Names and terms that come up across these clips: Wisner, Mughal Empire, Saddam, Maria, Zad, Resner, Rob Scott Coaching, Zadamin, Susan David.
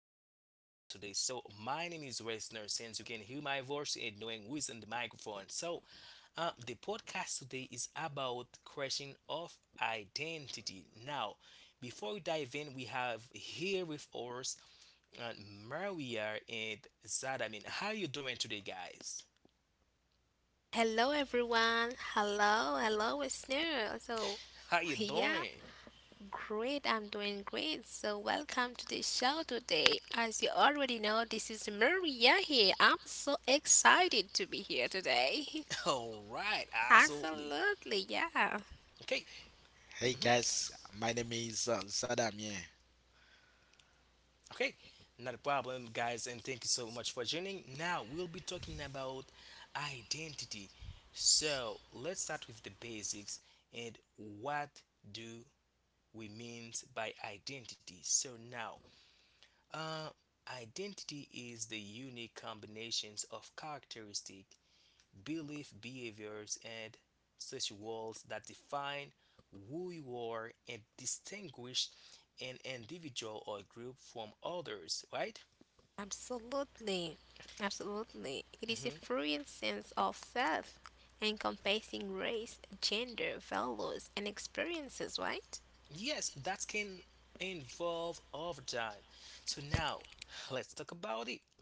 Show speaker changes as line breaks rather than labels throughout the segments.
today. So, my name is Resner. Since you can hear my voice and knowing who is on the microphone, the podcast today is about creation of identity. Now, before we dive in, we have here with us uh, Maria and Zad. I mean, how you doing today, guys?
Hello everyone. Hello, hello listener. So
How you
yeah,
doing?
great. I'm doing great. So welcome to the show today. As you already know, this is Maria here. I'm so excited to be here today.
All right, absolutely.
Absolutely, yeah.
Okay.
Hey
Mhm.
guys, my name is Saddam. Yeah,
Okay, not a problem, guys, and thank you so much for joining. Now we'll be talking about identity. So let's start with the basics and what do we mean by identity. So now, uh, identity is the unique combinations of characteristic, belief, behaviors, and social roles that define who you are and distinguish an individual or group from others, right?
Absolutely. Absolutely. It is a
Mhm.
free sense of self encompassing race, gender, values and experiences, right?
Yes, that can involve overtime. So now let's talk about it.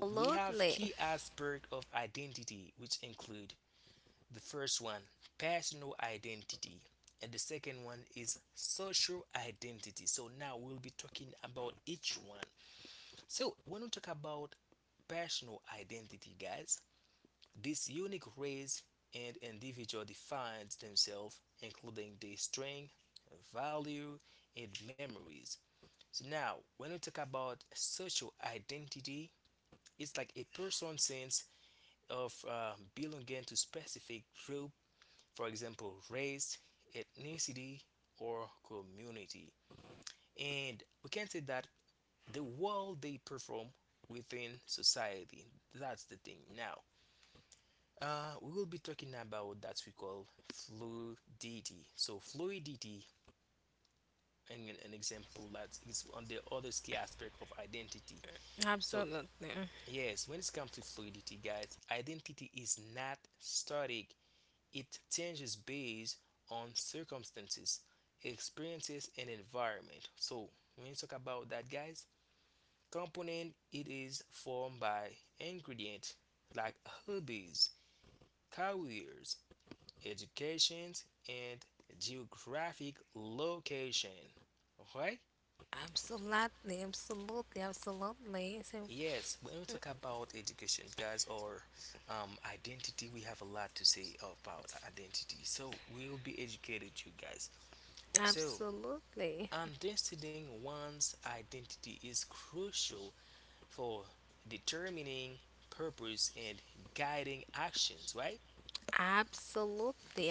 So we
Absolutely.
have key aspect of identity, which include the first one, personal identity, and the second one is social identity. So now we'll be talking about each one. So when we talk about personal identity, guys, this unique race and individual defines themselves, including their strength, value, and memories. So now, when we talk about social identity, it's like a person's sense of belonging to specific group, for example, race, ethnicity, or community. And we can say that the role they perform within society. That's the thing. Now, we will be talking about that we call fluidity. So fluidity, and an example that is on the other key aspect of identity. So
Absolutely.
yes, when it comes to fluidity, guys, identity is not static. It changes based on circumstances, experiences, and environment. So when you talk about that, guys, component it is formed by ingredient like hobbies, careers, educations, and geographic location. Alright?
Absolutely, absolutely, absolutely.
Yes, when we talk about education, guys, or identity, we have a lot to say about identity. So we'll be educated, you guys. So
Absolutely,
understanding one's identity is crucial for determining purpose and guiding actions, right?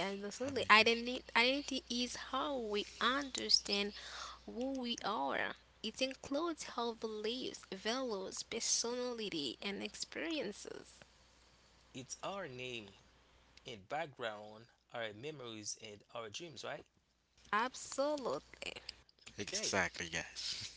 I'm
Identity,
ex-
identity is how we understand who we are. It includes our beliefs, values, personality, and experiences.
It's our name and background, our memories and our dreams, right?
Absolutely.
Okay.
exactly guys.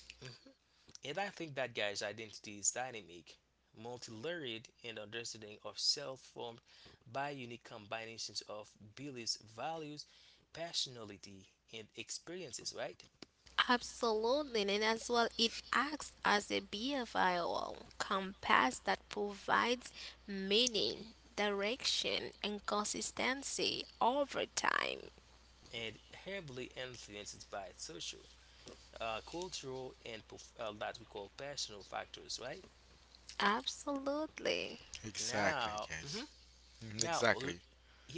And I think that guy's identity is dynamic, multi-layered, and understanding of self formed by unique combinations of beliefs, values, personality, and experiences, right?
Absolutely, and as well, it acts as a behavioral compass that provides meaning, direction, and consistency over time.
And heavily influenced by social, cultural, and that we call personal factors, right?
Absolutely.
Exactly
Now,
guys.
mhm.
Mhm.
now,
Exactly.
l-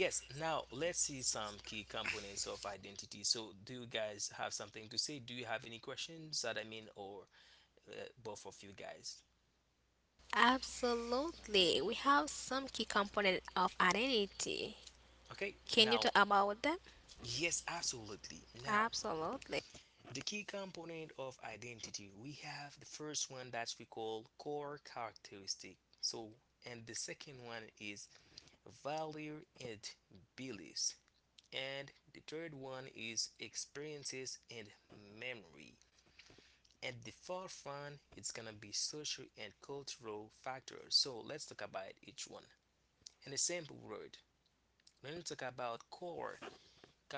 yes, now let's see some key components of identity. So, do you guys have something to say? Do you have any questions that I mean, or uh, both of you guys.
Absolutely. We have some key component of identity.
Okay,
Can you talk
now,
about them?
yes, absolutely. Now,
Absolutely.
the key component of identity, we have the first one that we call core characteristic. So, and the second one is value and beliefs. And the third one is experiences and memory. And the fourth one, it's gonna be social and cultural factors. So let's talk about each one. In a simple word, when we talk about core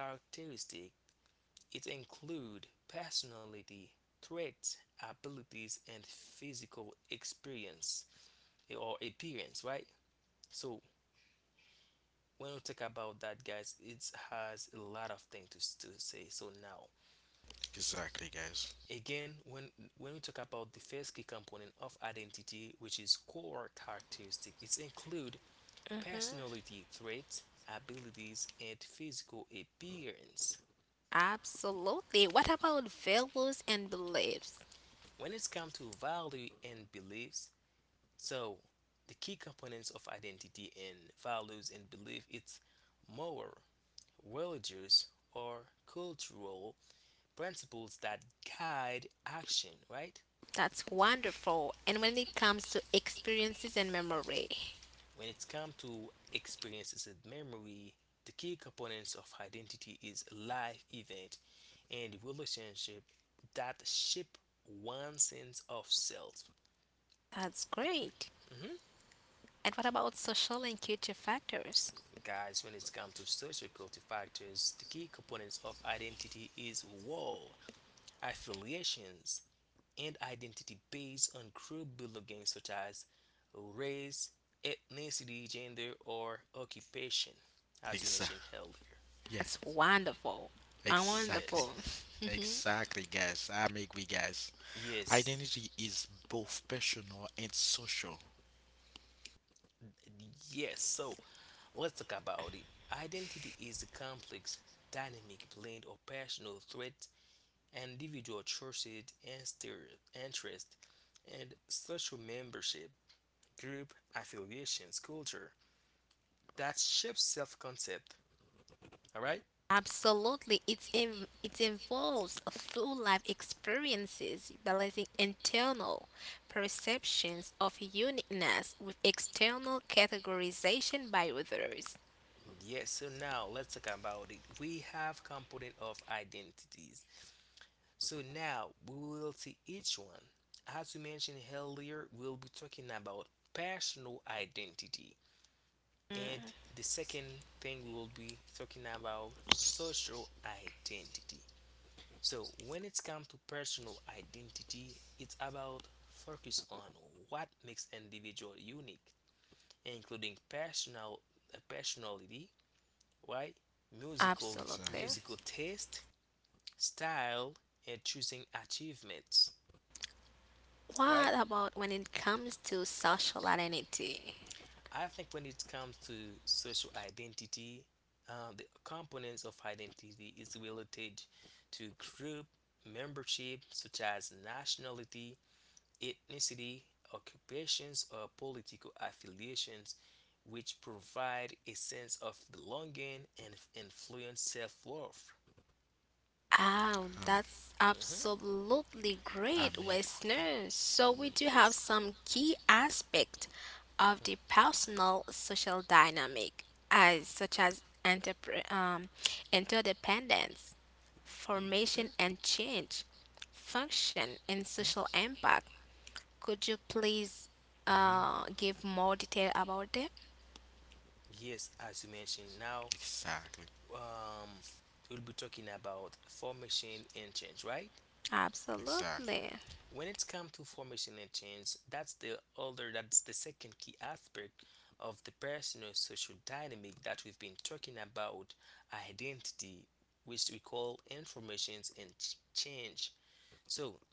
characteristic, it include personality, traits, abilities, and physical experience or appearance, right? So when we talk about that, guys, it has a lot of things to say. So now,
Exactly guys.
again, when we talk about the first key component of identity, which is core characteristic, it include personality, traits, abilities, and physical appearance.
Absolutely. What about values and beliefs?
When it's come to value and beliefs, so, the key components of identity and values and belief it's moral, religious, or cultural principles that guide action, right?
That's wonderful. And when it comes to experiences and memory?
When it comes to experiences and memory, the key components of identity is life event and relationship that shape one sense of self.
That's great.
Mhm.
And what about social and culture factors?
Guys, when it comes to social culture factors, the key components of identity is wall, affiliations, and identity based on group belonging such as race, ethnicity, gender, or occupation, as we
Exactly.
mentioned earlier.
Yeah.
That's wonderful.
Exactly.
Wonderful.
Yes,
Mhm.
Exactly guys. I'm agree guys.
yes,
Identity is both personal and social.
yes. So let's talk about it. Identity is a complex, dynamic blend of personal threats, individual choices, and interest, and social membership, group affiliations, culture that shapes self-concept. All right.
Absolutely. It involves full life experiences, balancing internal perceptions of uniqueness with external categorization by others.
Yes, so now let's talk about it. We have component of identities. So now we will see each one. As we mentioned earlier, we'll be talking about personal identity. And the second thing we will be talking about social identity. So when it's come to personal identity, it's about focus on what makes individual unique, including personal personality right? Musical
Absolutely.
Exactly.
musical taste, style, and choosing achievements,
What
right?
about when it comes to social identity?
I think when it comes to social identity, the components of identity is related to group membership, such as nationality, ethnicity, occupations, or political affiliations, which provide a sense of belonging and influence self worth.
Oh,
Um,
that's absolutely
I'm
great,
agree.
Westerners. So we do have
Yes.
some key aspect of the personal social dynamic, as such as interdependence, formation
Mhm.
and change, function and social
Mm-hmm.
impact. Could you please
Mm-hmm.
give more detail about them?
Yes, as you mentioned, now
Exactly.
um, we'll be talking about formation and change, right?
Exactly.
Absolutely,
When it comes to formation and change, that's the other, that's the second key aspect of the personal social dynamic that we've been talking about identity, which we call informations and change. So,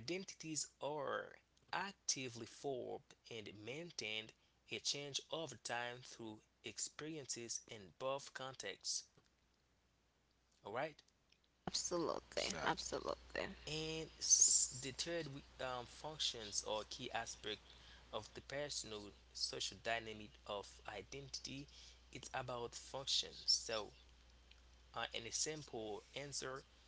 identities are actively formed and maintained a change over time through experiences in both contexts. All right.
absolutely,
Exactly.
absolutely.
And the third functions or key aspect of the personal social dynamic of identity it's about functions. So, an example answer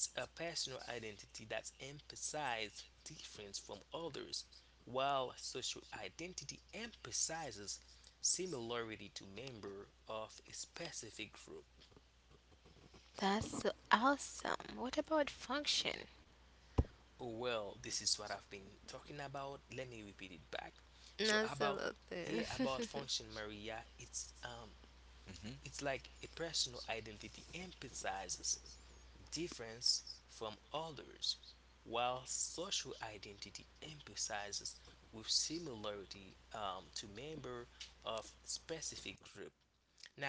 it's a personal identity that emphasizes difference from others, while social identity emphasizes similarity to member of a specific group.
That's so awesome. What about function?
Oh, well, this is what I've been talking about. Let me repeat it back. So about
Absolutely.
yeah, about function Maria,
Mm-hmm.
it's like a personal identity emphasizes difference from others, while social identity emphasizes with similarity to member of specific group.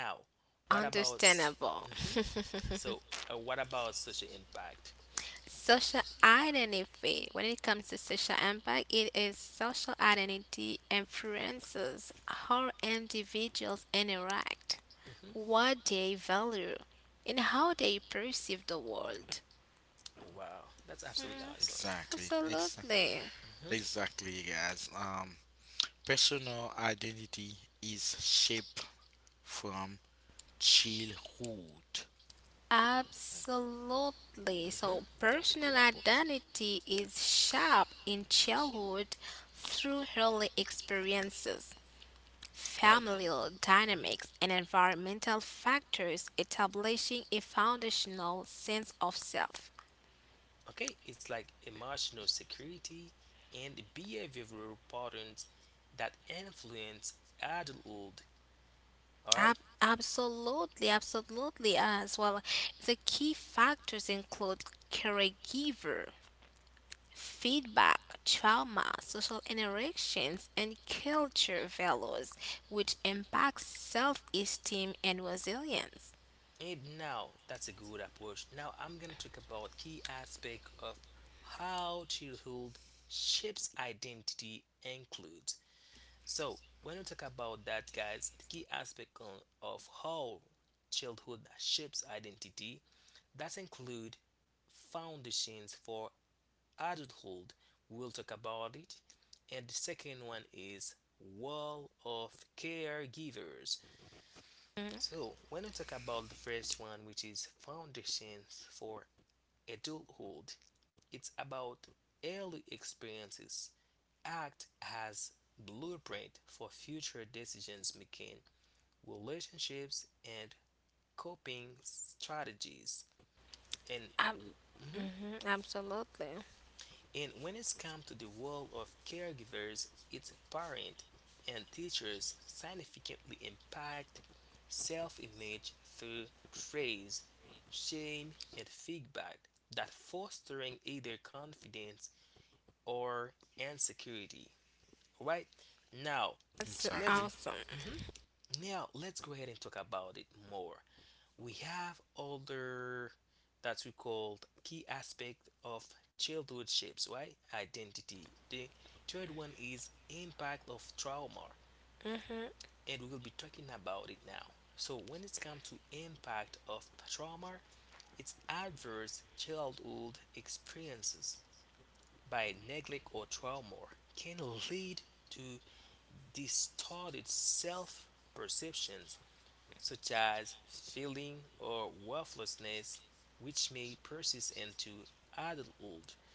Now, what about s-
Understandable.
mhm. so what about social impact?
Social identity. When it comes to social impact, it is social identity influences how individuals interact,
hmm
what they value, and how they perceive the world.
Wow, that's
Mm,
absolutely awesome.
Exactly.
Absolutely.
hmm
Exactly, guys. Personal identity is shaped from childhood.
Absolutely. So,
hmm That's a
personal
good approach.
identity is shaped in childhood through early experiences,
Okay.
familial
hmm
dynamics, and environmental factors, establishing a foundational sense of self.
Okay, it's like emotional security and behavioral patterns that influence adulthood. All
Ab-
right,
absolutely, absolutely, as well. The key factors include caregiver, feedback, trauma, social interactions, and culture values, which impact self esteem and resilience.
and now that's a good approach. Now I'm gonna talk about key aspect of how childhood shapes identity includes. So, when we talk about that, guys, the key aspect of how childhood shapes identity that include foundations for adulthood. We'll talk about it. And the second one is wall of caregivers. So, when we talk about the first one, which is foundations for adulthood, it's about early experiences act as blueprint for future decisions making relationships, and coping strategies. And,
Ab- mhm, Absolutely.
and when it comes to the role of caregivers, its parents and teachers significantly impact self-image through praise, shame, and feedback that fostering either confidence or insecurity. All right, now
That's
Exactly.
awesome.
let's now let's go ahead and talk about it more. We have other that we called key aspect of childhood shapes right identity the third one is impact of trauma
Mhm.
and we will be talking about it now so when it comes to impact of trauma it's adverse childhood experiences by neglect or trauma can lead to distorted self perceptions such as feeling or worthlessness, which may persist into adulthood.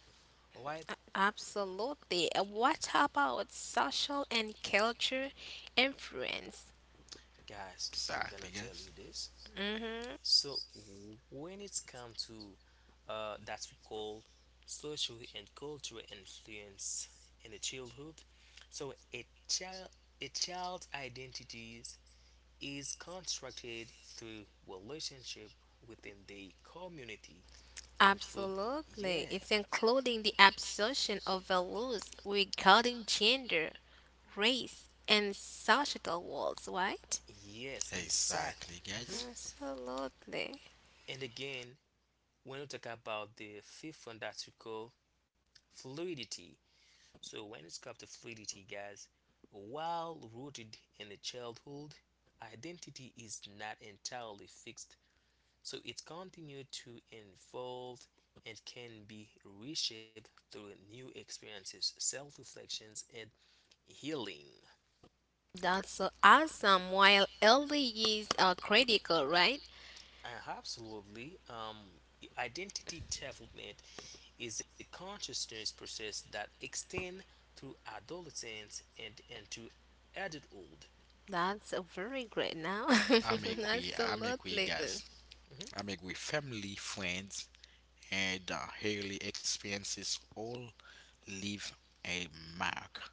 Alright,
Absolutely. What about social and culture influence?
guys, I'm
Exactly,
gonna tell
guys.
you this.
Hmm
So, when it's come to that we call social and cultural influence in the childhood, so a child's identities is constructed through relationship within the community, include
Absolutely.
yeah,
It's including the absorption of values regarding gender, race, and societal roles, right?
yes,
Exactly,
exactly.
guys.
hmm
Absolutely.
And again, when we talk about the fifth one that we call fluidity. So when it's comes to fluidity, guys, while rooted in the childhood, identity is not entirely fixed. So it continues to evolve and can be reshaped through new experiences, self-reflections, and healing.
That's so awesome. While early years are critical, right?
Absolutely. Identity development is a consciousness process that extends through adolescence and into adulthood.
That's very great now.
Mhm,
Absolutely.
Guys.
mhm.
I make we family, friends, and early experiences all leave a mark.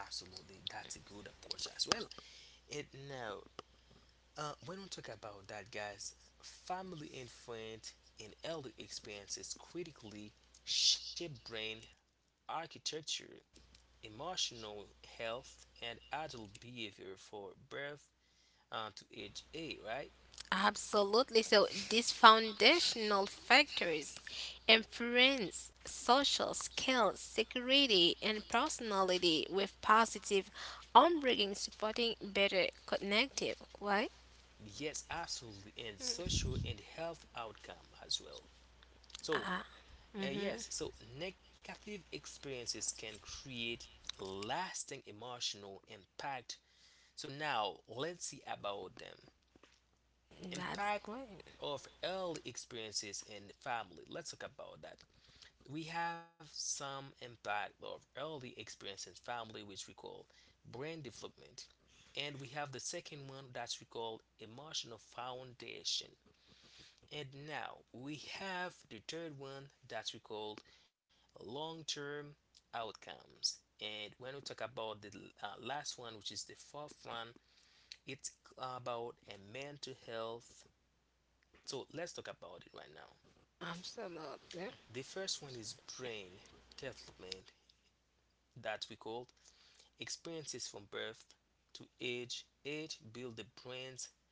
Absolutely, that's a good approach as well. And now, when we talk about that, guys, family and friend and early experiences critically shape brain architecture, emotional health, and adult behavior for birth to age 8, right?
Absolutely. So these foundational factors influence social skills, security, and personality with positive upbringing supporting better connective. Why?
Yes, absolutely, and social and health outcome as well. So, yes, so negative experiences can create lasting emotional impact. So, now let's see about them.
That's
Impact
great.
of early experiences in the family. Let's talk about that. We have some impact of early experience in family, which we call brain development. And we have the second one that we call emotional foundation. And now we have the third one that we called long term outcomes. And when we talk about the last one, which is the fourth one, it's about a mental health. So let's talk about it right now.
Absolutely.
The first one is brain development that we called experiences from birth to age. Age build the brain's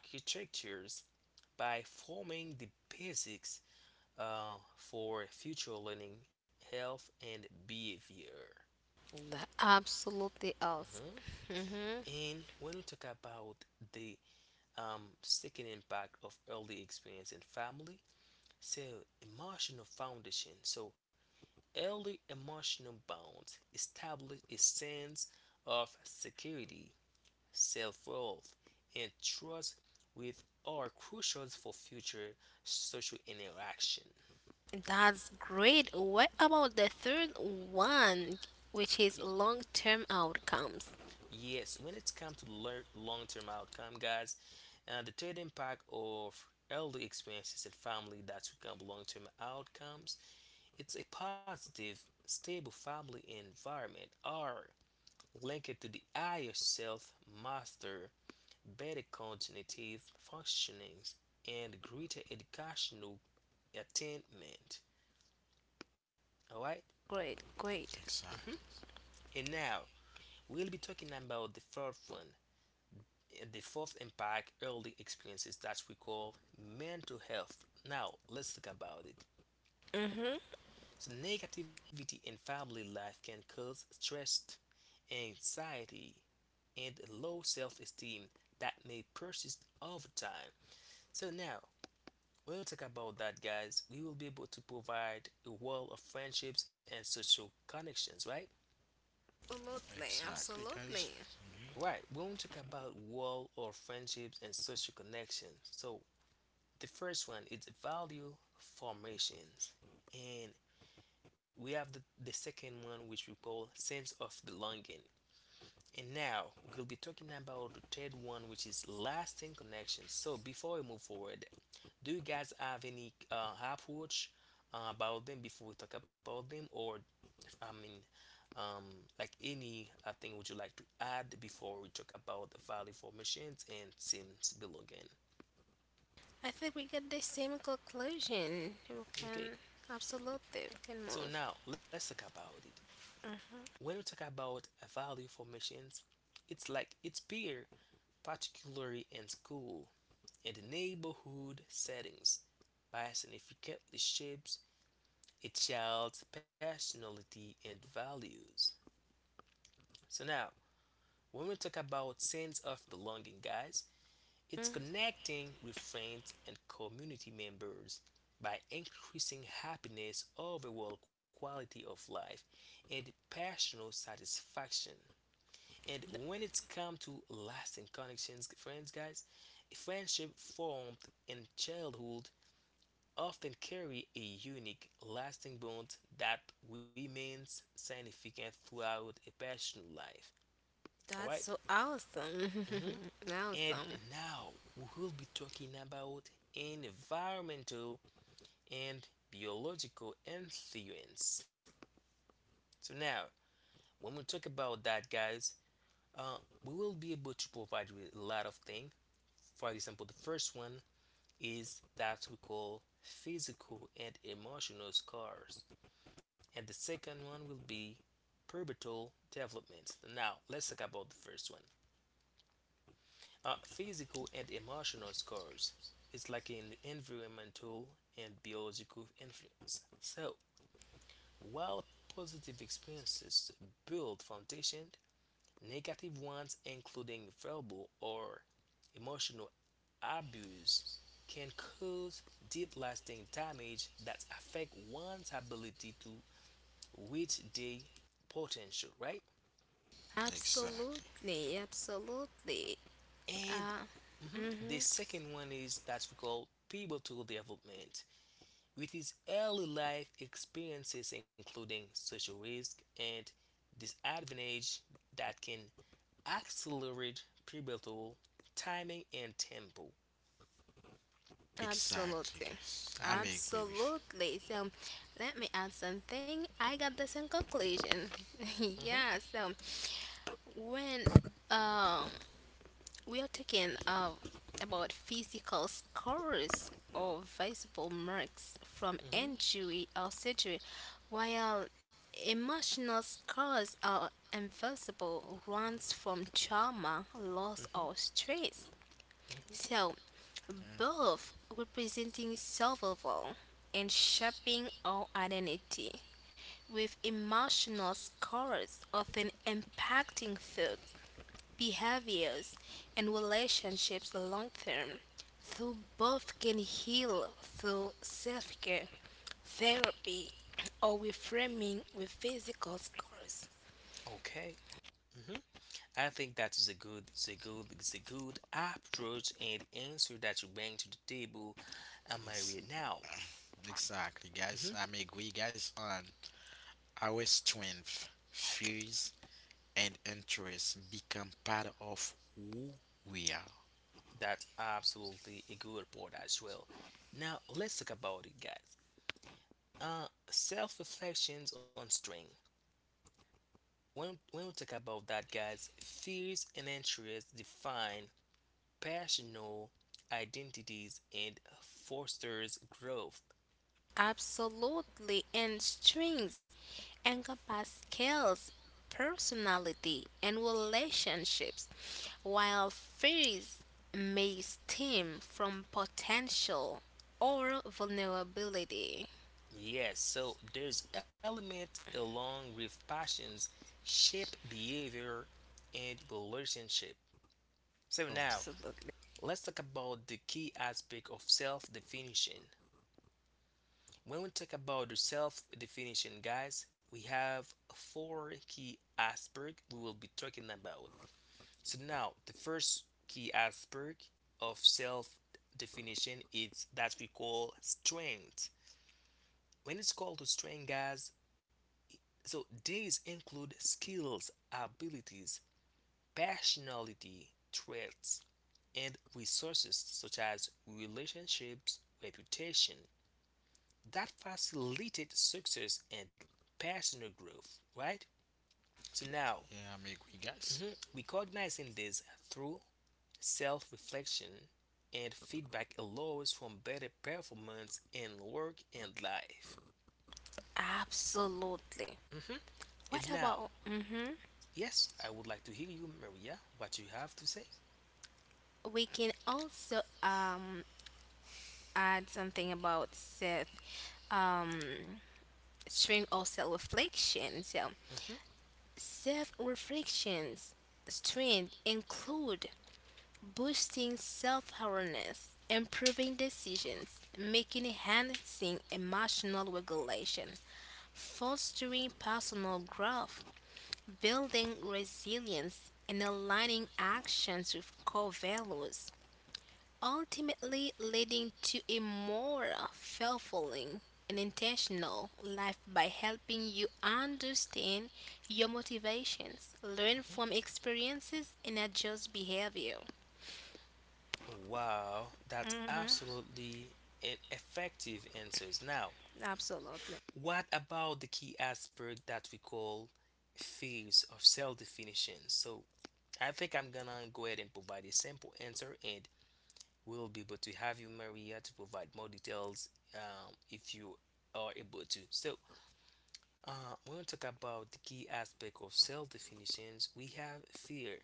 architectures by forming the basics for future learning, health, and behavior.
That absolutely else.
Mhm.
Hmm
And when we talk about the second impact of early experience in family, so emotional foundation. So early emotional bonds establish a sense of security, self-worth, and trust with are crucial for future social interaction.
That's great. What about the third one, which is
Y-
long-term outcomes?
Yes, when it comes to long-term outcome, guys, the third impact of early experiences and family that become long-term outcomes, it's a positive, stable family environment are linked to the higher self master, better cognitive functionings, and greater educational attainment. All right,
Great, great.
Exactly.
and now we'll be talking about the fourth one. And the fourth impact early experiences that we call mental health. Now, let's talk about it.
Mm-hmm.
So, negativity in family life can cause stress, anxiety, and low self esteem that may persist over time. So, now when we talk about that, guys, we will be able to provide a wall of friendships and social connections, right?
Absolutely,
Exactly, guys.
absolutely.
Mhm.
Right, when we want to talk about wall or friendships and social connections, so the first one is value formations, and we have the second one, which we call sense of belonging. And now we'll be talking about the third one, which is lasting connections. So before we move forward, do you guys have any approach about them before we talk about them, or I mean, um, like any thing would you like to add before we talk about the value formations and sense belonging?
I think we get the same conclusion. We can
Okay,
absolutely we can
so
move.
now let's talk about it. When we talk about value formations, it's like it's peer, particularly in school and neighborhood settings, by significantly shapes a child's personality and values. So now, when we talk about sense of belonging, guys, it's connecting with friends and community members by increasing happiness, overall quality of life, and personal satisfaction. And when it's come to lasting connections, friends, guys, friendship formed in childhood often carry a unique, lasting bond that remains significant throughout a personal life. All
That's so
right.
awesome.
hmm
Awesome.
And now we will be talking about environmental and biological influence. So now, when we talk about that, guys, uh, we will be able to provide you with a lot of things. For example, the first one is that we call physical and emotional scars, and the second one will be pubertal development. Now, let's talk about the first one. Physical and emotional scars is like an environmental and biological influence. So, while positive experiences build foundation, negative ones, including verbal or emotional abuse, can cause deep lasting damage that affect one's ability to reach their potential, right?
Exactly.
Absolutely, absolutely.
And
Uh
mhm,
mhm.
the second one is that we call pivotal development, with its early life experiences, including social risk and disadvantage that can accelerate pivotal timing and tempo.
Exactly,
Absolutely.
guys. I'm
hmm
agree with you.
Absolutely. So let me add something. I got the same conclusion.
hmm
Yeah, so when um we are talking uh, about physical scars or visible marks from
hmm
injury or surgery, while emotional scars are invisible ones from trauma, loss, or stress.
hmm
So,
Mm.
both representing survival and shaping our identity, with emotional scars often impacting thoughts, behaviors, and relationships long term. Through both can heal through self care, therapy, or reframing with physical scars.
Okay. hmm I think that is a good, it's a good, it's a good approach and answer that you bring to the table. Am I
Ex-
right now?
exactly, guys.
hmm
I'm agree, guys. On our strength, fears, and interests become part of who we are.
That's absolutely a good point as well. Now let's talk about it, guys. Self reflections on string. When we talk about that, guys, fears and interests define personal identities and fosters growth.
Absolutely, and strengths encompass skills, personality, and relationships, while fears may stem from potential or vulnerability.
Yes, so there's element along with passions shape behavior and relationship. So now
Absolutely.
let's talk about the key aspect of self-definition. When we talk about the self-definition, guys, we have four key aspects we will be talking about. So now the first key aspect of self-definition is that we call strength. When it's called to strength, guys, so these include skills, abilities, personality traits, and resources such as relationships, reputation that facilitate success and personal growth, right? So now,
Yeah, I'm agree, guys.
mhm, recognizing this through self-reflection and feedback allows for better performance in work and life.
Absolutely.
Mhm. And
What
now,
about hmm
yes, I would like to hear you, Maria, what you have to say.
we can also add something about self um strength or self reflection. So
Mhm,
self reflections strength include boosting self awareness, improving decisions, making enhancing emotional regulation, fostering personal growth, building resilience and aligning actions with core values, ultimately leading to a more fulfilling and intentional life by helping you understand your motivations, learn from
mhm.
experiences, and adjust behavior.
Wow, that's absolutely an effective answers. Now,
Absolutely.
what about the key aspect that we call phase of cell definition? So, I think I'm gonna go ahead and provide a simple answer, and we'll be able to have you, Maria, to provide more details if you are able to. So, when we talk about the key aspect of cell definitions, we have fear.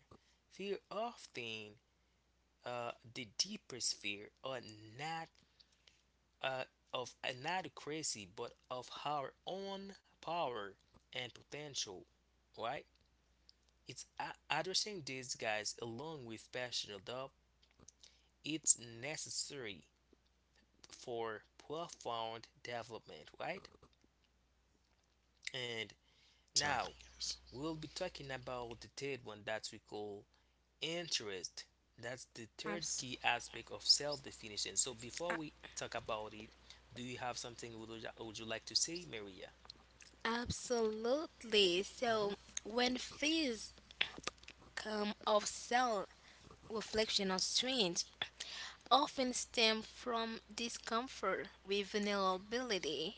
Fear often the deeper sphere are not uh, of inadequacy but of our own power and potential, right? Addressing these guys along with passion adopt it's necessary for profound development, right? And now
Exactly, guys.
we'll be talking about the third one that we call interest. That's the third key aspect of self definition. So before we talk about it, do you have something would you like to say, Maria?
Absolutely. So,
hmm
when fears come of self reflection or strength, often stem from discomfort with vulnerability,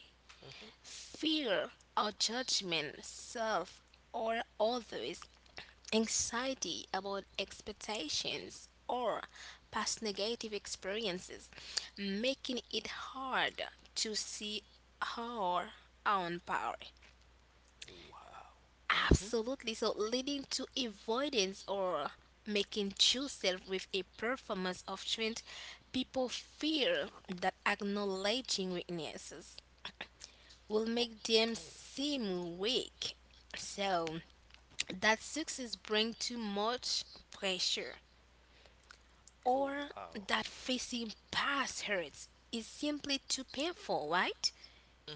hmm
fear or judgment, self or others, anxiety about expectations or past negative experiences, making it hard to see our own power.
wow.
Absolutely. So, leading to avoidance or making true self with a performance of strength, people fear that acknowledging weaknesses will make them
Okay
seem weak. So that success brings too much pressure
oh
or
wow.
that facing past hurts is simply too painful, right?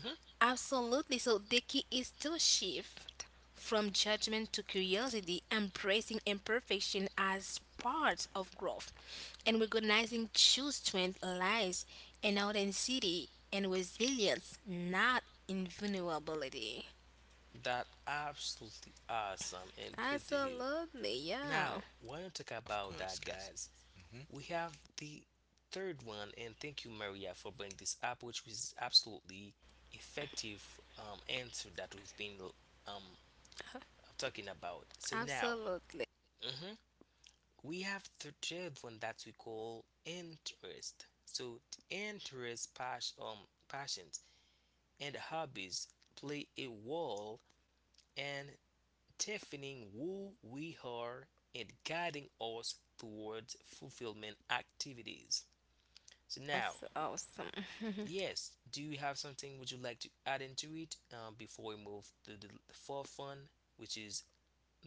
hmm
Absolutely. So the key is to shift from judgment to curiosity, embracing imperfection as part of growth, and recognizing true strength lies in authenticity and resilience, not in vulnerability.
that absolutely awesome and good to hear.
Absolutely, yeah.
Now want to talk
Of
about
course,
that,
guys.
guys.
Hmm.
We have the third one, and thank you, Maria, for bringing this up, which was absolutely effective answer that we've been um, talking about. So now,
Absolutely.
hmm we have the third one that we call interest. So the interest, passions, and hobbies play a role in defining who we are and guiding us towards fulfillment activities. So now,
That's awesome.
yes. Do you have something would you like to add into it before we move to the fourth one, which is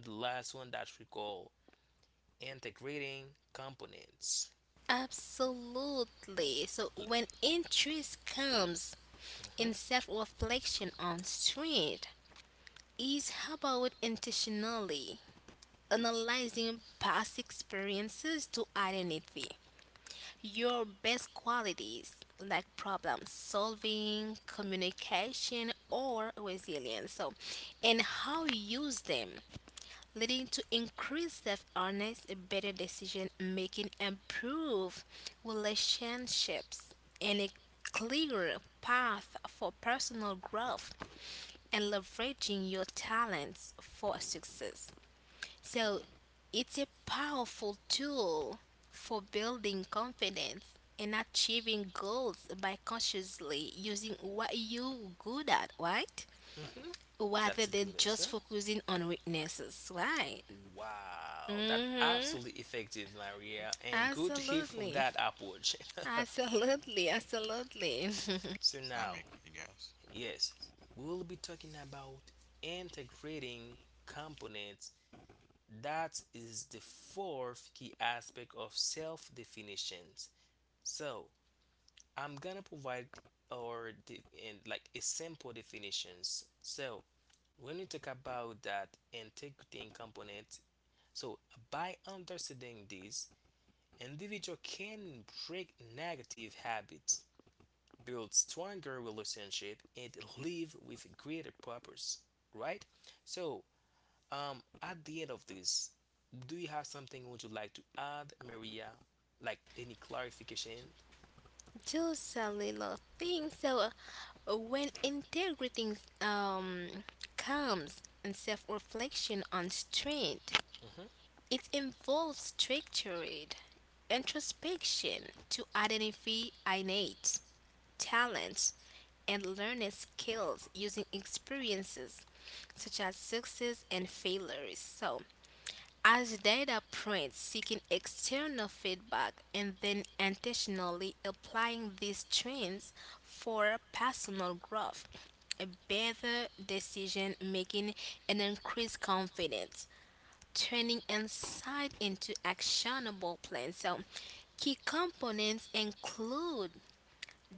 the last one that we call integrating components?
Absolutely. So when interest comes in
Mm-hmm.
self-reflection on strength is about intentionally analyzing past experiences to identify your best qualities like problem solving, communication or resilience. So and how you use them, leading to increased self awareness, better decision making, improved relationships, and a clearer path for personal growth and leveraging your talents for success. So, it's a powerful tool for building confidence and achieving goals by consciously using what you are good at, right?
Mm-hmm.
Rather
That's a
than
good answer.
just focusing on weaknesses, right?
Wow, that
hmm
absolutely effective, Maria, and good to hear from
Absolutely.
that approach.
Absolutely. Absolutely.
So
I'm
now,
agree, guys.
yes, we'll be talking about integrating components. That is the fourth key aspect of self definitions. So I'm gonna provide and like a simple definitions. So when we talk about that integrity and component, so by understanding this, individual can break negative habits, build stronger relationship, and live with greater purpose. Right? So at the end of this, do you have something would you like to add, Maria? Like any clarification?
Just a little thing. So, when integrating comes and self reflection on strength,
hmm
it involves structured introspection to identify innate talents and learning skills using experiences such as success and failures. So, as data points, seeking external feedback and then intentionally applying these trends for personal growth, a better decision making, and increased confidence, turning insight into actionable plans. So, key components include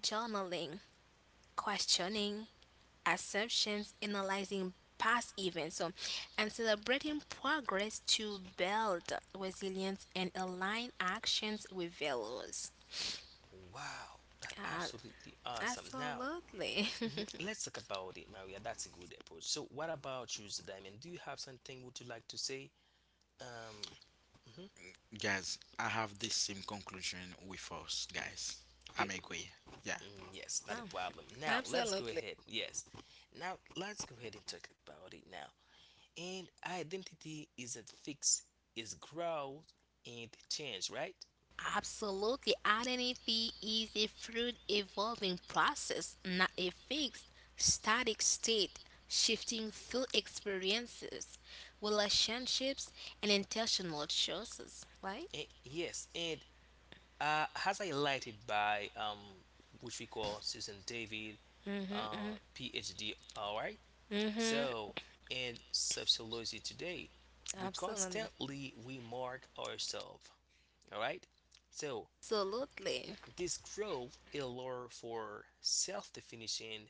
journaling, questioning, assumptions, analyzing past events, so, and celebrating progress to build resilience and align actions with values.
Wow, that
Uh,
absolutely awesome. Now,
Absolutely.
mhm, let's talk about it, Maria. That's a good approach. So, what about you, Diamond? Do you have something would you like to say? Um, mhm,
Guys, I have the same conclusion with us, guys.
okay.
I'm agree. Yeah.
Mm, yes,
Yeah,
not a problem. Now, let's go
absolutely.
ahead. Yes. Now, let's go ahead and talk about it now. And identity isn't fixed, it's growth and change, right?
Absolutely. Identity is a fluid evolving process, not a fixed, static state, shifting through experiences, relationships, and intentional choices. Right?
Eh, yes, and as highlighted by which we call Susan David, PhD. All right.
Mm-hmm.
So in sociology today, we
Absolutely.
constantly remark ourselves. All right. So
Absolutely.
this growth allure for self-definition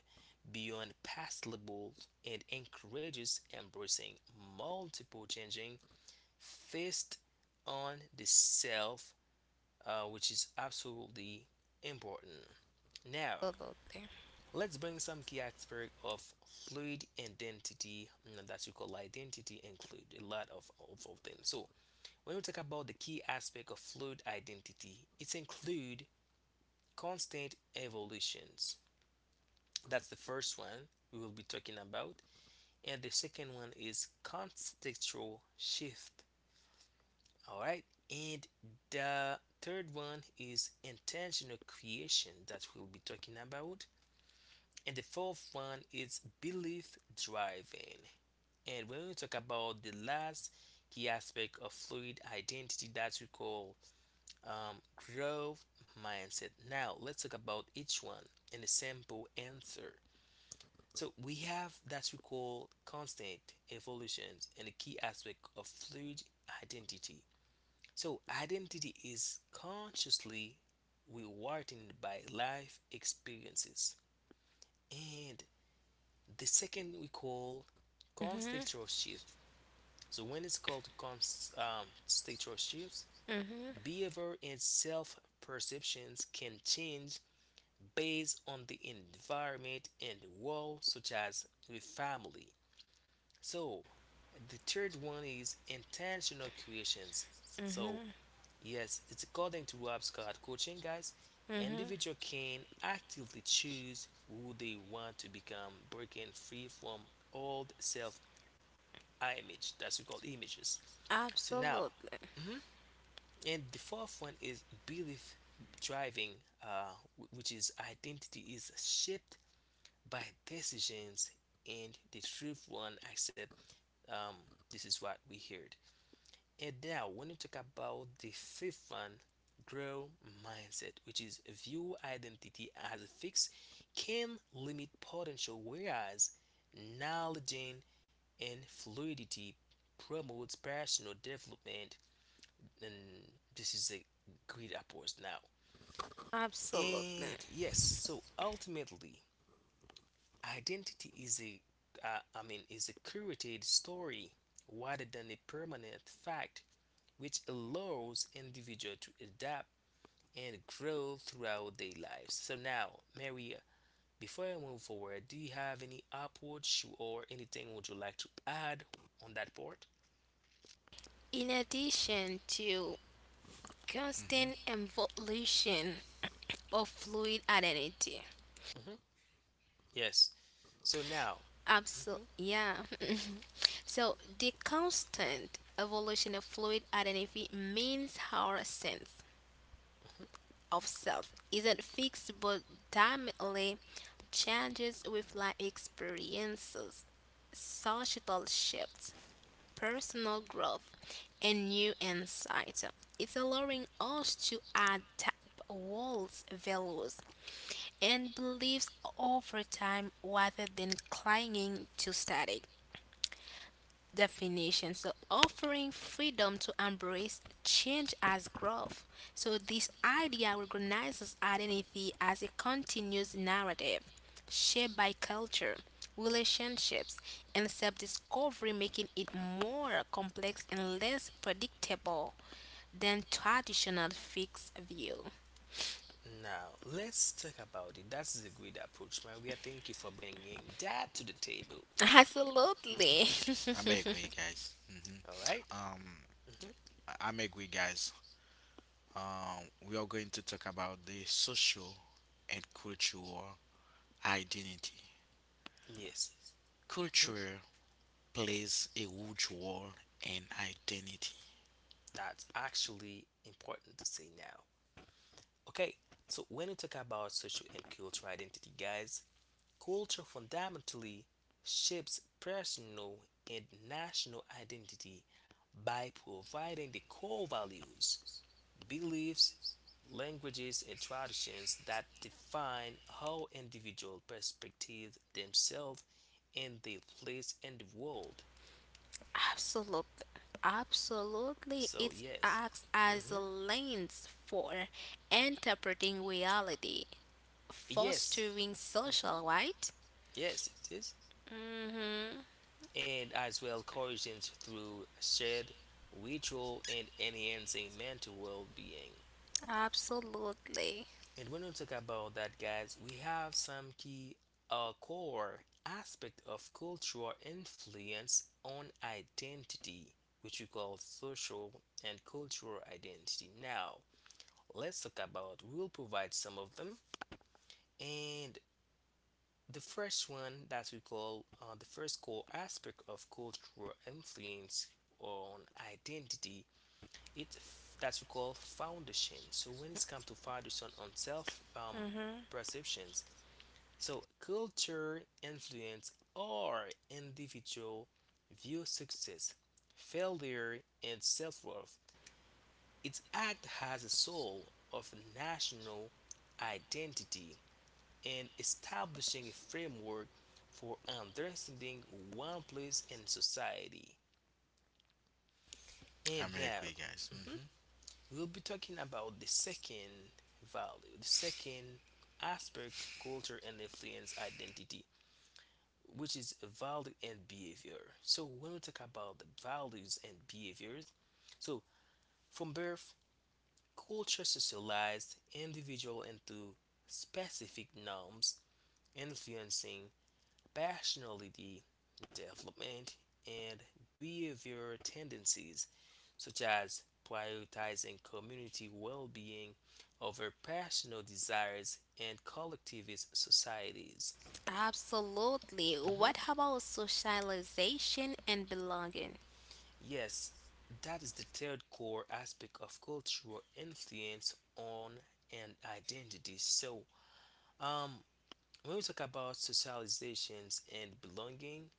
beyond past labels and encourages embracing multiple changing faced on the self, which is absolutely important. Now,
Absolutely.
let's bring some key aspects of fluid identity that you call identity include a lot of them. So, when we talk about the key aspect of fluid identity, it include constant evolutions. That's the first one we will be talking about, and the second one is contextual shift. All right. And the third one is intentional creation that we'll be talking about. And the fourth one is belief driving. And when we talk about the last key aspect of fluid identity that we call um, growth mindset. Now, let's talk about each one and a simple answer. So, we have that we call constant evolutions and the key aspect of fluid identity. So, identity is consciously rewarded by life experiences. And the second we call
Hmm
contextual shift. So, when it's called contextual shifts, behavior and self perceptions can change based on the environment and the world, such as with family. So, the third one is intentional creations. So, yes, it's according to Rob Scott Coaching, guys.
hmm
Individual can actively choose who they want to become, breaking free from old self image. That's what we call images. So now,
Absolutely.
mhm, and the fourth one is belief driving, which is identity is shaped by decisions, and the truth one accept. Um, this is what we heard. And now, when you talk about the fifth one, growth mindset, which is view identity as fixed, can limit potential, whereas knowledge and fluidity promotes personal development. And this is a great approach now.
Absolutely.
And yes, so ultimately, identity is is a curated story rather than a permanent fact, which allows individual to adapt and grow throughout their lives. So now, Maria, before I move forward, do you have any approach or anything would you like to add on that part?
In addition to constant
Hmm.
evolution of fluid identity.
hmm Yes. So now,
Absolutely.
hmm
Yeah. So the constant evolution of fluid identity means our sense
hmm
of self isn't fixed but dynamically changes with life experiences, societal shifts, personal growth, and new insights. It's allowing us to adapt walls, values, and beliefs over time rather than clinging to static definition. So, offering freedom to embrace change as growth. So, this idea recognizes identity as a continuous narrative shaped by culture, relationships, and self discovery, making it more complex and less predictable than traditional fixed view.
now let's talk about it. That's a great approach, Maria. Thank you for bringing that to the table.
Absolutely.
I'm agree, guys. Hmm.
All right?
Um,
Mm-hmm.
I'm agree, guys. We are going to talk about the social and cultural identity.
Yes,
Culture plays a huge role in identity.
that's actually important to say now. Okay, so when we talk about social and cultural identity, guys, culture fundamentally shapes personal and national identity by providing the core values, beliefs, languages, and traditions that define how individual perspective themselves and their place in the world.
Absolutely, absolutely.
So,
It
yes.
acts as a
hmm
lens for interpreting reality,
Yes.
fostering
hmm
social right.
Yes, it is.
Mm-hmm.
And as well, coercions through shared ritual and enhancing mental well being.
Absolutely,
And when we talk about that, guys, we have some key core aspect of cultural influence on identity, which we call social and cultural identity. Now, let's talk about. We'll provide some of them, and the first one that we call the first core aspect of cultural influence on identity, it's that we call foundation. So when it's come to foundation on self perceptions, so culture influence our individual view success, failure, and self-worth. Its act has a soul of national identity and establishing a framework for understanding one place in society. And
I'm
now
agree, guys.
mhm,
Hmm.
we'll be talking about the second value, the second aspect culture and influence identity, which is value and behavior. So when we talk about the values and behaviors, so from birth, culture socialized individual into specific norms, influencing personality development and behavior tendencies, such as prioritizing community well-being over personal desires and collectivist societies.
absolutely.
Mhm.
What about socialization and belonging?
Yes, that is the third core aspect of cultural influence on an identity. So, um, when we talk about socializations and belonging,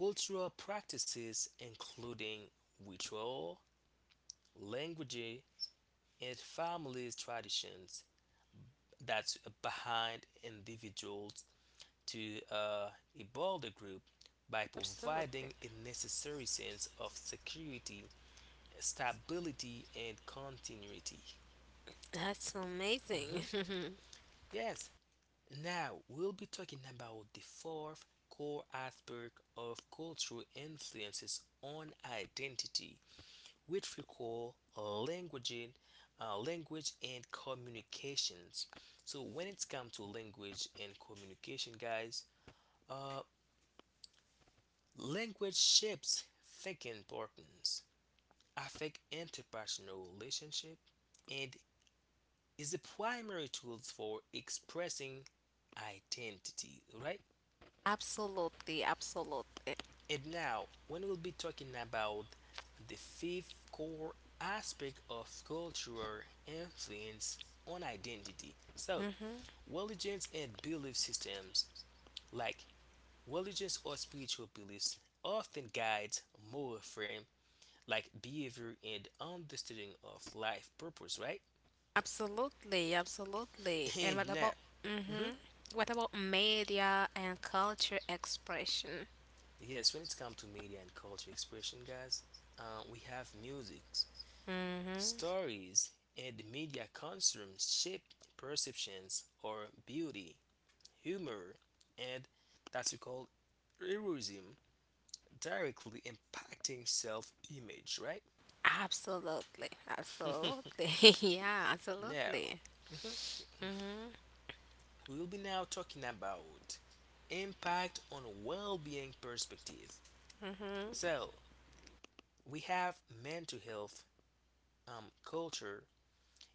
cultural practices including ritual, language, and family traditions that's behind individuals to a broader group by
Absolutely.
providing a necessary sense of security, stability and continuity.
That's amazing.
Mhm. Yes, now we'll be talking about the fourth core aspect of cultural influences on identity, which we call languaging, language and communications. So when it's come to language and communication, guys, uh, language shapes thinking patterns, affect interpersonal relationship, and is the primary tools for expressing identity, right?
Absolutely, absolutely.
And now, when we'll be talking about the fifth core aspect of cultural influence on identity. So,
Mhm.
religions and belief systems, like religions or spiritual beliefs, often guides moral frame like behavior and understanding of life purpose, right?
Absolutely, absolutely. And
And
what
now,
about
mhm.
mm-hmm. What about media and culture expression?
Yes, when it's come to media and culture expression, guys, we have music,
Mm-hmm.
stories, and media consume shape perceptions or beauty, humor, and that's we call heroism, directly impacting self-image. Right
Absolutely, absolutely. Yeah,
now,
absolutely. Mm-hmm.
we will be now talking about impact on well-being perspective. So we have mental health, culture,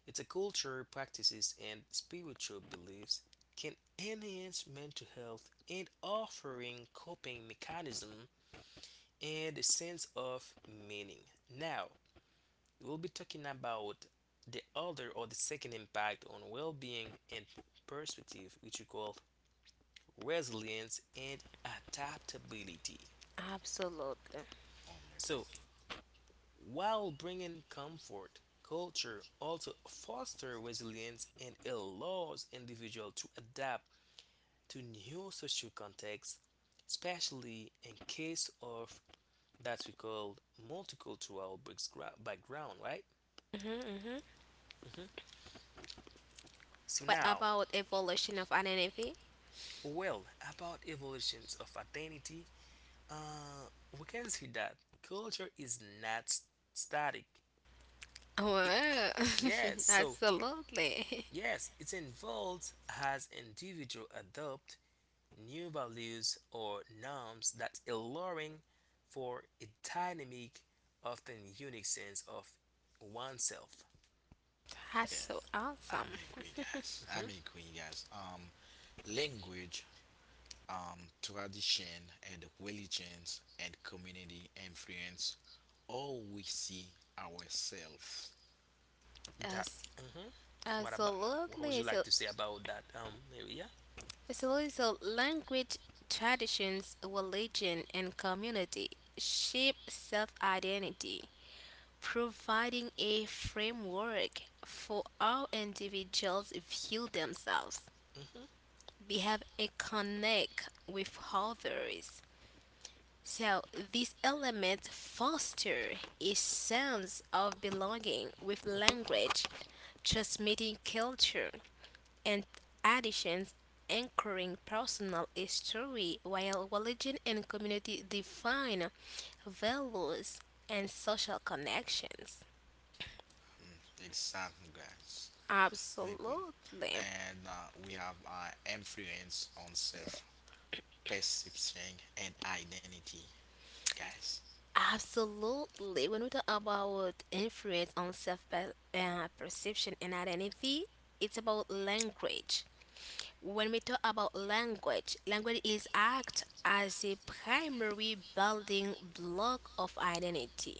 it's a culture, practices, and spiritual beliefs can enhance mental health and offering coping mechanism and a sense of meaning. Now, we'll be talking about the other or the second impact on well-being and perspective, which we call resilience and adaptability.
Absolutely.
I'm agree.
So, while bringing comfort, culture also fosters resilience and allows individuals to adapt to new social contexts, especially in case of that we call background, right?
Mm-hmm, mm-hmm.
Mhm. So
What
now,
about evolution of identity?
well, about evolutions of identity, we can see that culture is not s- static. It-
Wow.
yes, so
Absolutely.
yes, it involves as individual adopt new values or norms that alluring for a dynamic, often unique sense of oneself.
That's
Yeah,
so awesome.
I'm agree, guys.
Hmm.
I'm agree, guys. Language, tradition, and religions and community influence all we see ourselves.
That.
Yes,
Hmm. What about? What would you
absolutely.
like
So
to say about that, Maria?
so, is a language, traditions, religion, and community shape self identity, providing a framework for how individuals view themselves,
Hmm.
behave, and connect with others. So, these elements foster a sense of belonging with language, transmitting culture, and additions anchoring personal history while religion and community define values and social connections.
Mm, exactly, guys. I'm agree.
Absolutely.
And we have influence on self perception and identity, guys.
Absolutely. When we talk about influence on self perception and identity, it's about language. When we talk about language, language is act as a primary building block of identity,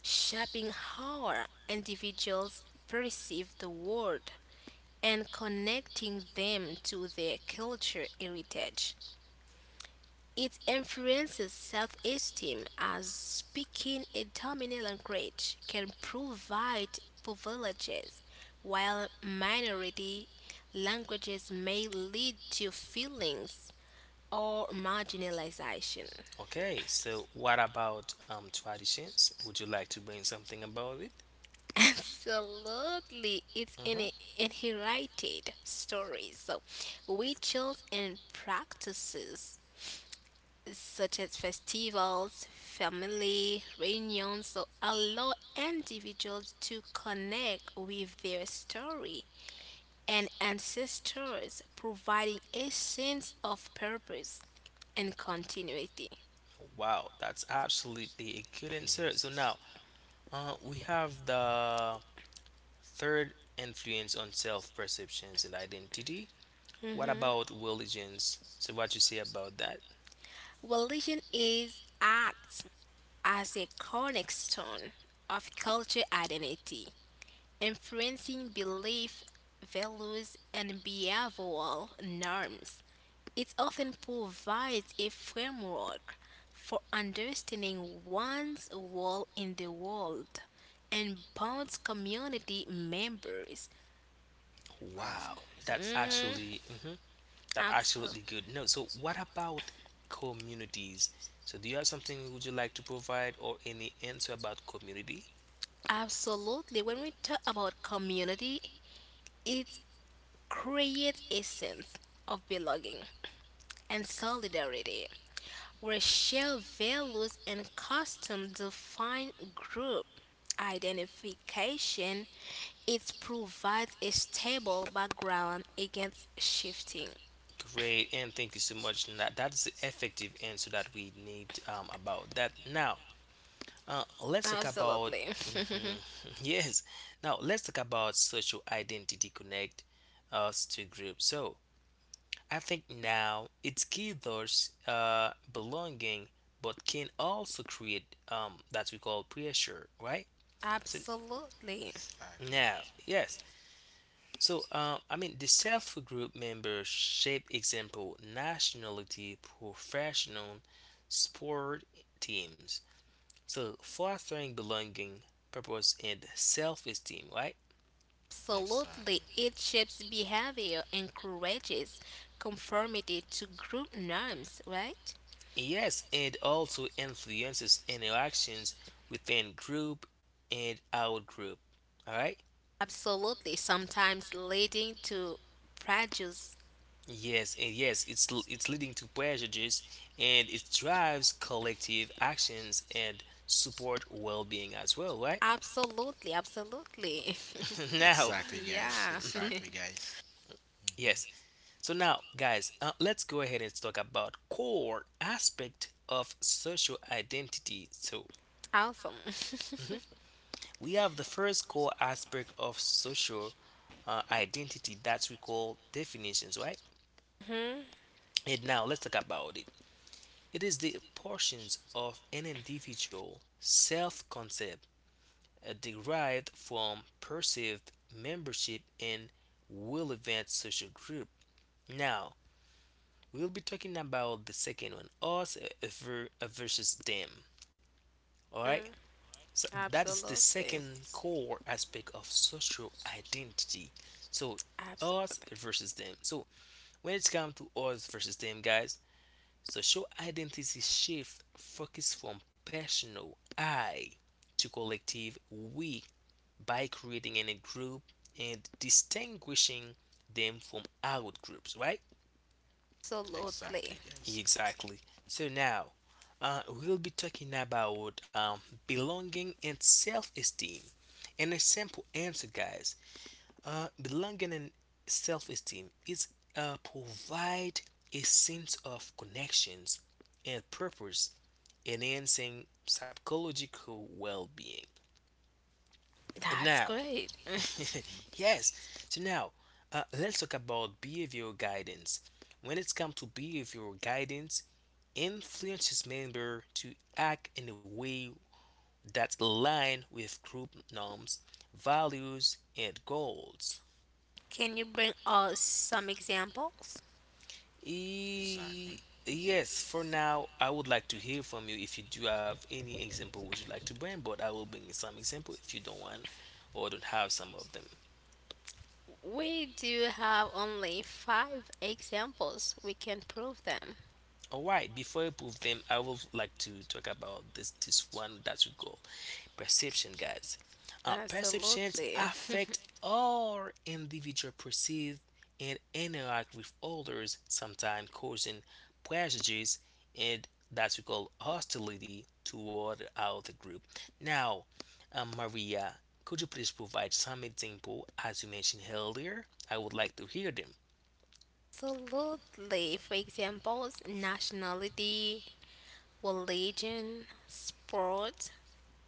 shaping how individuals perceive the world and connecting them to their culture heritage. It influences self esteem as speaking a dominant language can provide privileges, while minority languages may lead to feelings or marginalization.
Okay. So, what about traditions? Would you like to bring something about it?
Absolutely, it's
Hmm.
an inherited story. So, rituals and practices such as festivals, family reunions, so allow individuals to connect with their story and ancestors, providing a sense of purpose and continuity.
Wow, that's absolutely a good
Agree,
answer. So
guys.
now, we have the third influence on self perceptions and identity. What
Mhm.
about religions? So what you say about that?
Religion is acts as a cornerstone of culture identity, influencing belief, values, and behavioral norms. It often provides a framework for understanding one's role in the world and bonds community members.
Ah, of
Wow,
course,
that's
guys. I'm a
Mhm,
good.
actually that's
abso-
absolutely good. No, so what about communities? So do you have something would you like to provide or any answer about community?
Absolutely. When we talk about community, it creates a sense of belonging and solidarity where shared values and customs define group identification, it provides a stable background against shifting.
Great, and thank you so much. That that's the effective answer that we need about that. Now, let's talk about
Absolutely.
mhm, yes. Now let's talk about social identity connect us to groups. So I think now it gathers belonging, but can also create that we call pressure, right? So
Absolutely.
Exactly,
now,
guys.
yes. So I mean, the self group membership example nationality, professional, sport teams. So fostering belonging, purpose, and self-esteem, right?
Absolutely.
Exactly.
It shapes behavior, encourages conformity to group norms, right?
Yes, and also influences interactions within group and out group. All right.
Absolutely. Sometimes leading to prejudice.
Yes, and yes, it's leading to prejudice and it drives collective actions and support well-being as well, right?
Absolutely. Absolutely.
Now,
Exactly, guys.
Yeah.
Exactly, guys. Mhm.
yes. So now, guys, let's go ahead and talk about core aspect of social identity. So,
Awesome.
we have the first core aspect of social identity that we call definitions, right?
hmm
And now let's talk about it. It is the portions of an individual self concept derived from perceived membership in relevant social group. Now, we'll be talking about the second one, us versus them. All right? So that is the
Absolutely.
second core aspect of social identity. So us
Absolutely.
versus them. So when it comes to us versus them, guys, social identity shift focus from personal I to collective we by creating a group and distinguishing them from out groups, right?
Exactly,
Absolutely.
guys.
Exactly. So now we'll be talking about belonging and self esteem. And a simple answer, guys, belonging and self esteem is provide a sense of connections and purpose, enhancing psychological well being. And
That's
now
great.
yes. So now, let's talk about behavioral guidance. When it's come to behavioral guidance, influences member to act in a way that aligned with group norms, values, and goals.
Can you bring us some examples?
Exactly.
E- yes, for now, I would like to hear from you if you do have any example would you like to bring, but I will bring some example if you don't want or don't have some of them.
We do have only five examples. We can prove them.
All right, before I prove them, I would like to talk about this one that we call perception, guys. Perceptions
Absolutely.
affect our individual perceive and interact with others, sometimes causing prejudice and that we call hostility toward other group. Now, Maria, could you please provide some example as you mentioned earlier? I would like to hear them.
Absolutely. For examples, nationality, religion, sport,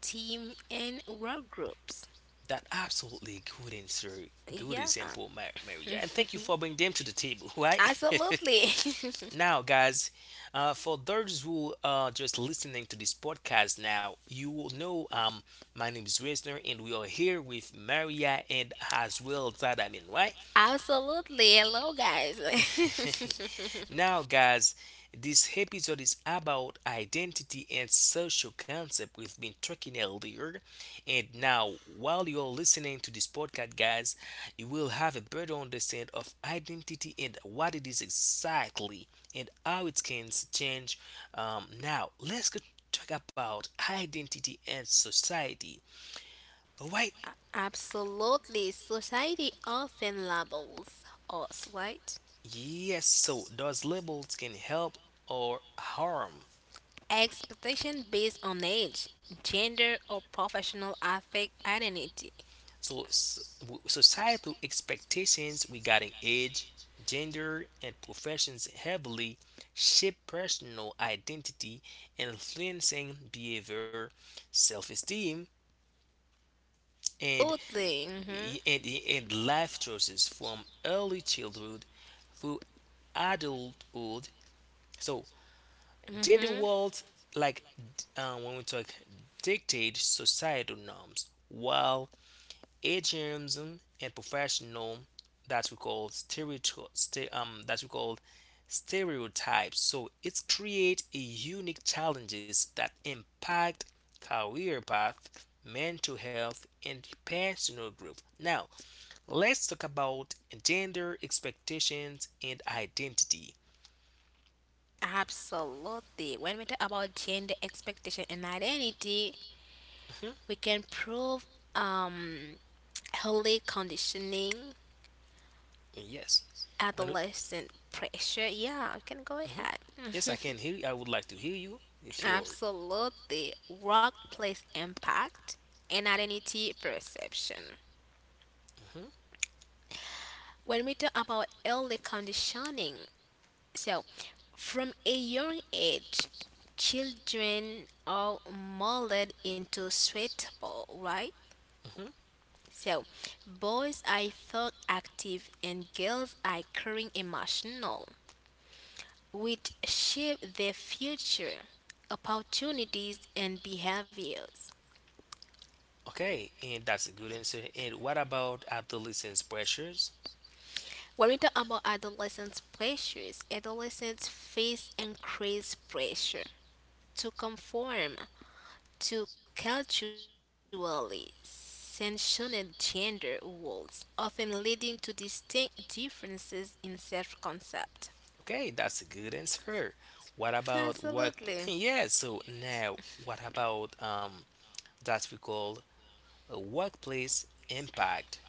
team, and work groups.
That absolutely good answer, good
Yeah,
example, Maria. And thank you for bringing them to the table, right?
absolutely.
Now, guys, for those who are just listening to this podcast now, you will know my name is Wisner, and we are here with Maria and as well Zadamin, right?
Absolutely. Hello, guys.
Now, guys, this episode is about identity and social concept. We've been talking earlier, and now, while you're listening to this podcast, guys, you will have a better understanding of identity and what it is exactly and how it can change. Now, let's go talk about identity and society. All right?
Absolutely. Society often labels us, right?
Yes, so those labels can help or harm.
Expectation based on age, gender, or professional affect identity.
So, societal expectations regarding age, gender, and professions heavily shape personal identity, influencing behavior, self-esteem, and
Absolutely. Mm-hmm.
and life choices from early childhood through adulthood. So, gender
Mm-hmm.
roles, like when we talk, dictate societal norms, while ageism and professional that we call that we call stereotypes. So it's create a unique challenges that impact career path, mental health, and personal growth. Now let's talk about gender expectations and identity.
Absolutely. When we talk about gender expectation and identity,
Mhm.
we can prove um early conditioning,
Yes, when it-
adolescent pressure. Yeah, you can go
mhm,
ahead.
yes, I can hear. You. I would like to hear you if you're.
Absolutely. Workplace impact and identity perception. When we talk about early conditioning, so from a young age, children are molded into suitable, right?
Mhm.
So boys are thought active and girls are caring emotional, which shape their future, opportunities, and behaviors.
Okay, and that's a good answer. And what about adolescence pressures?
When we talk about adolescent pressures, adolescents face increased pressure to conform to culturally sanctioned gender roles, often leading to distinct differences in self concept.
Okay, that's a good answer. What about work?
Absolutely.
Yeah, so now what about that we call a workplace impact?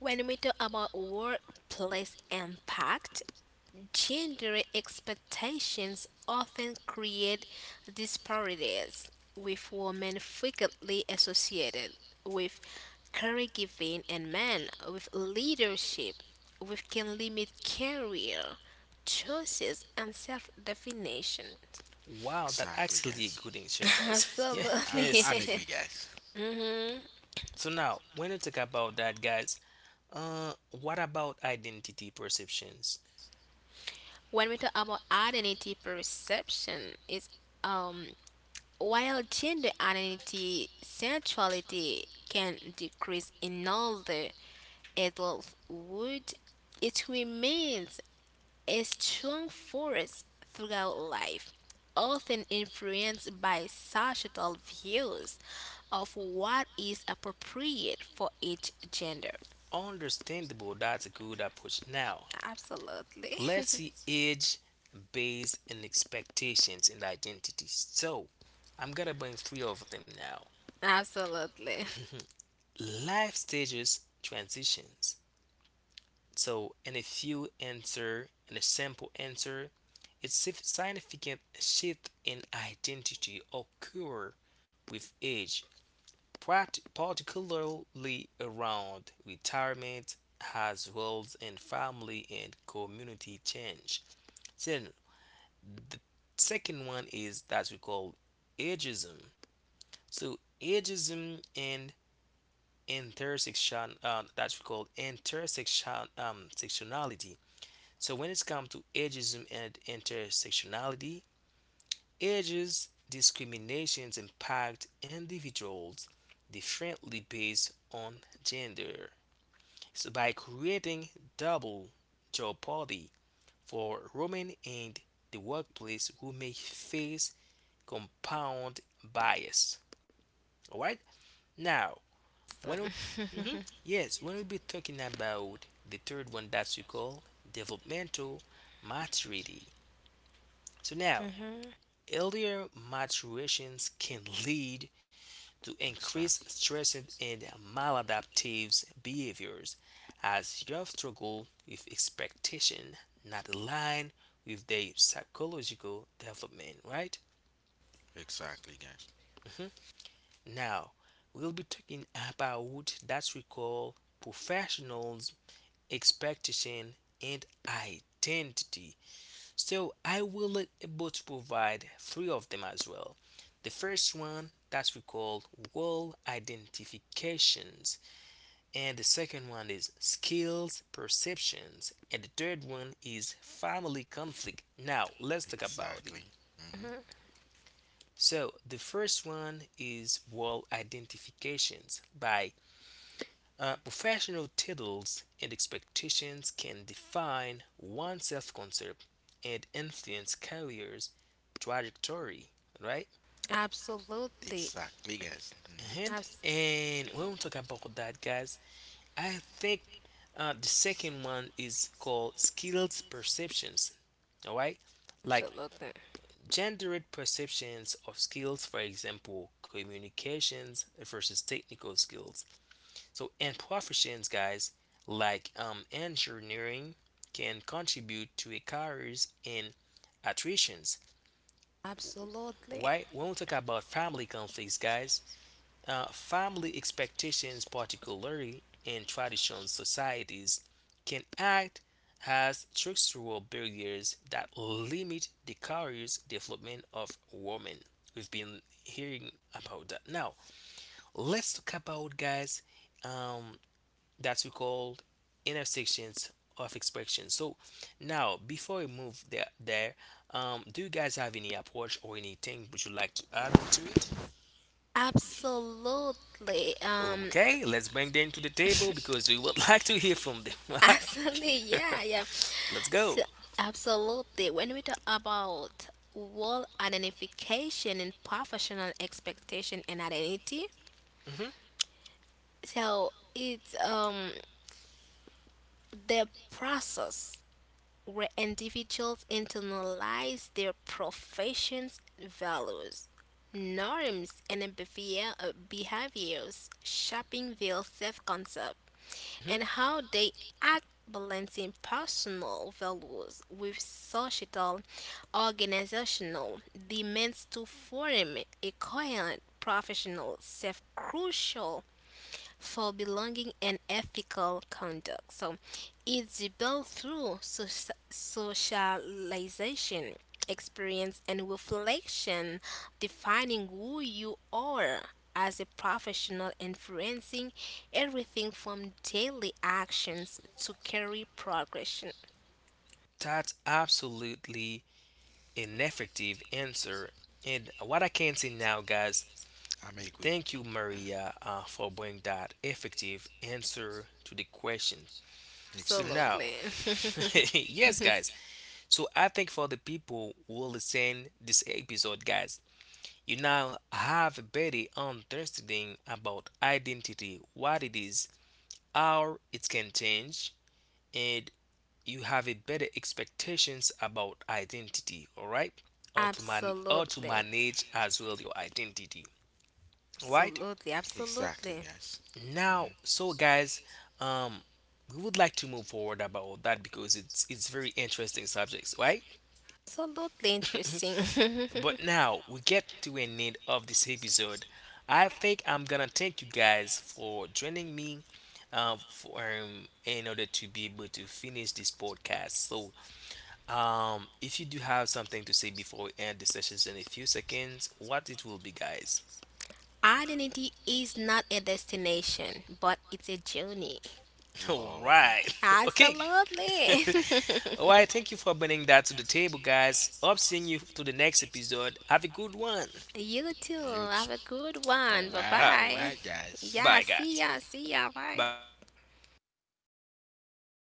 When we talk about workplace impact, gender expectations often create disparities, with women frequently associated with caregiving and men with leadership, which can limit career choices and self definition.
Wow, that's
Exactly,
actually a
guys.
good answer, guys.
And
Yes.
I'm agree,
Absolutely.
guys.
hmm
So now, when you talk about that, guys, what about identity perceptions?
When we talk about identity perception, it's um while gender identity, sexuality can decrease in older adulthood, it remains a strong force throughout life, often influenced by societal views of what is appropriate for each gender.
Understandable, that's a good approach. Now,
Absolutely.
let's see age based and expectations and identities. So I'm gonna bring three of them now.
Absolutely.
Life stages transitions. So in a few answer in a simple answer, significant shift in identity occur with age, particularly around retirement, as roles in family and community change. Then. The second one is that we call ageism. So ageism and intersection that we call intersection sectionality. So when it's come to ageism and intersectionality, ages discriminations impact individuals differently based on gender. So by creating double jeopardy for women in the workplace who may face compound bias. All right. Now, when we, mhm, yes, when we be talking about the third one that we call developmental maturity. So now,
Mhm.
earlier maturations can lead to
Exactly.
increased stress and maladaptive behaviors as youth struggle with expectation not aligned with their psychological development, right?
Exactly, guys.
Now, we'll be talking about that we call professionals, expectation, and identity. So, I will able to provide three of them as well. The first one that we call role identifications, and the second one is skills perceptions, and the third one is family conflict. Now, let's talk about it.
Exactly. Hmm.
So, the first one is role identifications by uh, professional titles and expectations can define one's self concept and influence careers trajectory, right?
Absolutely.
Exactly, guys. Hmm.
And
Abs-
and when we talk about that, guys, I think the second one is called skills perceptions. All right, like
Absolutely.
gendered perceptions of skills, for example, communications versus technical skills. So, and professions, guys, like engineering can contribute to a careers and attritions.
Absolutely.
Why? When we talk about family conflicts, guys, family expectations, particularly in traditional societies, can act as structural barriers that limit the careers development of women. We've been hearing about that. Now, let's talk about, guys, um, that we call intersections of expression. So now, before we move there, do you guys have any approach or anything would you like to add on to it?
Absolutely.
Okay, let's bring them to the table because we would like to hear from them. Right?
Absolutely. Yeah, yeah.
Let's
So,
go.
absolutely. When we talk about role identification and professional expectation and identity,
Hmm.
so it's the process where individuals internalize their profession's values, norms, and behaviors, shaping their self-concept
Hmm.
and how they act balancing personal values with societal organizational demands to form a coherent professional self crucial for belonging and ethical conduct. So it's built through socialization, experience, and reflection, defining who you are as a professional, influencing everything from daily actions to career progression.
That's absolutely an effective answer. And what I can say now, guys,
I'm agree.
thank you, Maria, for bringing that effective answer to the question. So
Exactly.
now,
Absolutely.
yes, guys. So I think for the people who will listen this episode, guys, you now have a better understanding about identity, what it is, how it can change, and you have a better expectations about identity. All right, or to
Absolutely.
manage as well your identity. All right.
Absolutely.
Exactly,
Absolutely.
guys. Hmm.
Now, so guys, um, we would like to move forward about that because it's very interesting subjects, right?
Absolutely interesting.
But now we get to an end of this episode. I think I'm gonna thank you guys for joining me in order to be able to finish this podcast. So, if you do have something to say before we end the sessions in a few seconds, what it will be, guys.
Identity is not a destination, but it's a journey.
All
Whoa, okay.
right, okay.
Absolutely.
All right, thank you for bringing that to the table, guys. Hope seeing you to the next episode. Have a good one.
You too.
You too.
Have a good one. Bye
Alright,
All right,
alright,
bye.
guys.
Yeah,
bye,
see
guys.
ya. See ya. Bye.
Bye.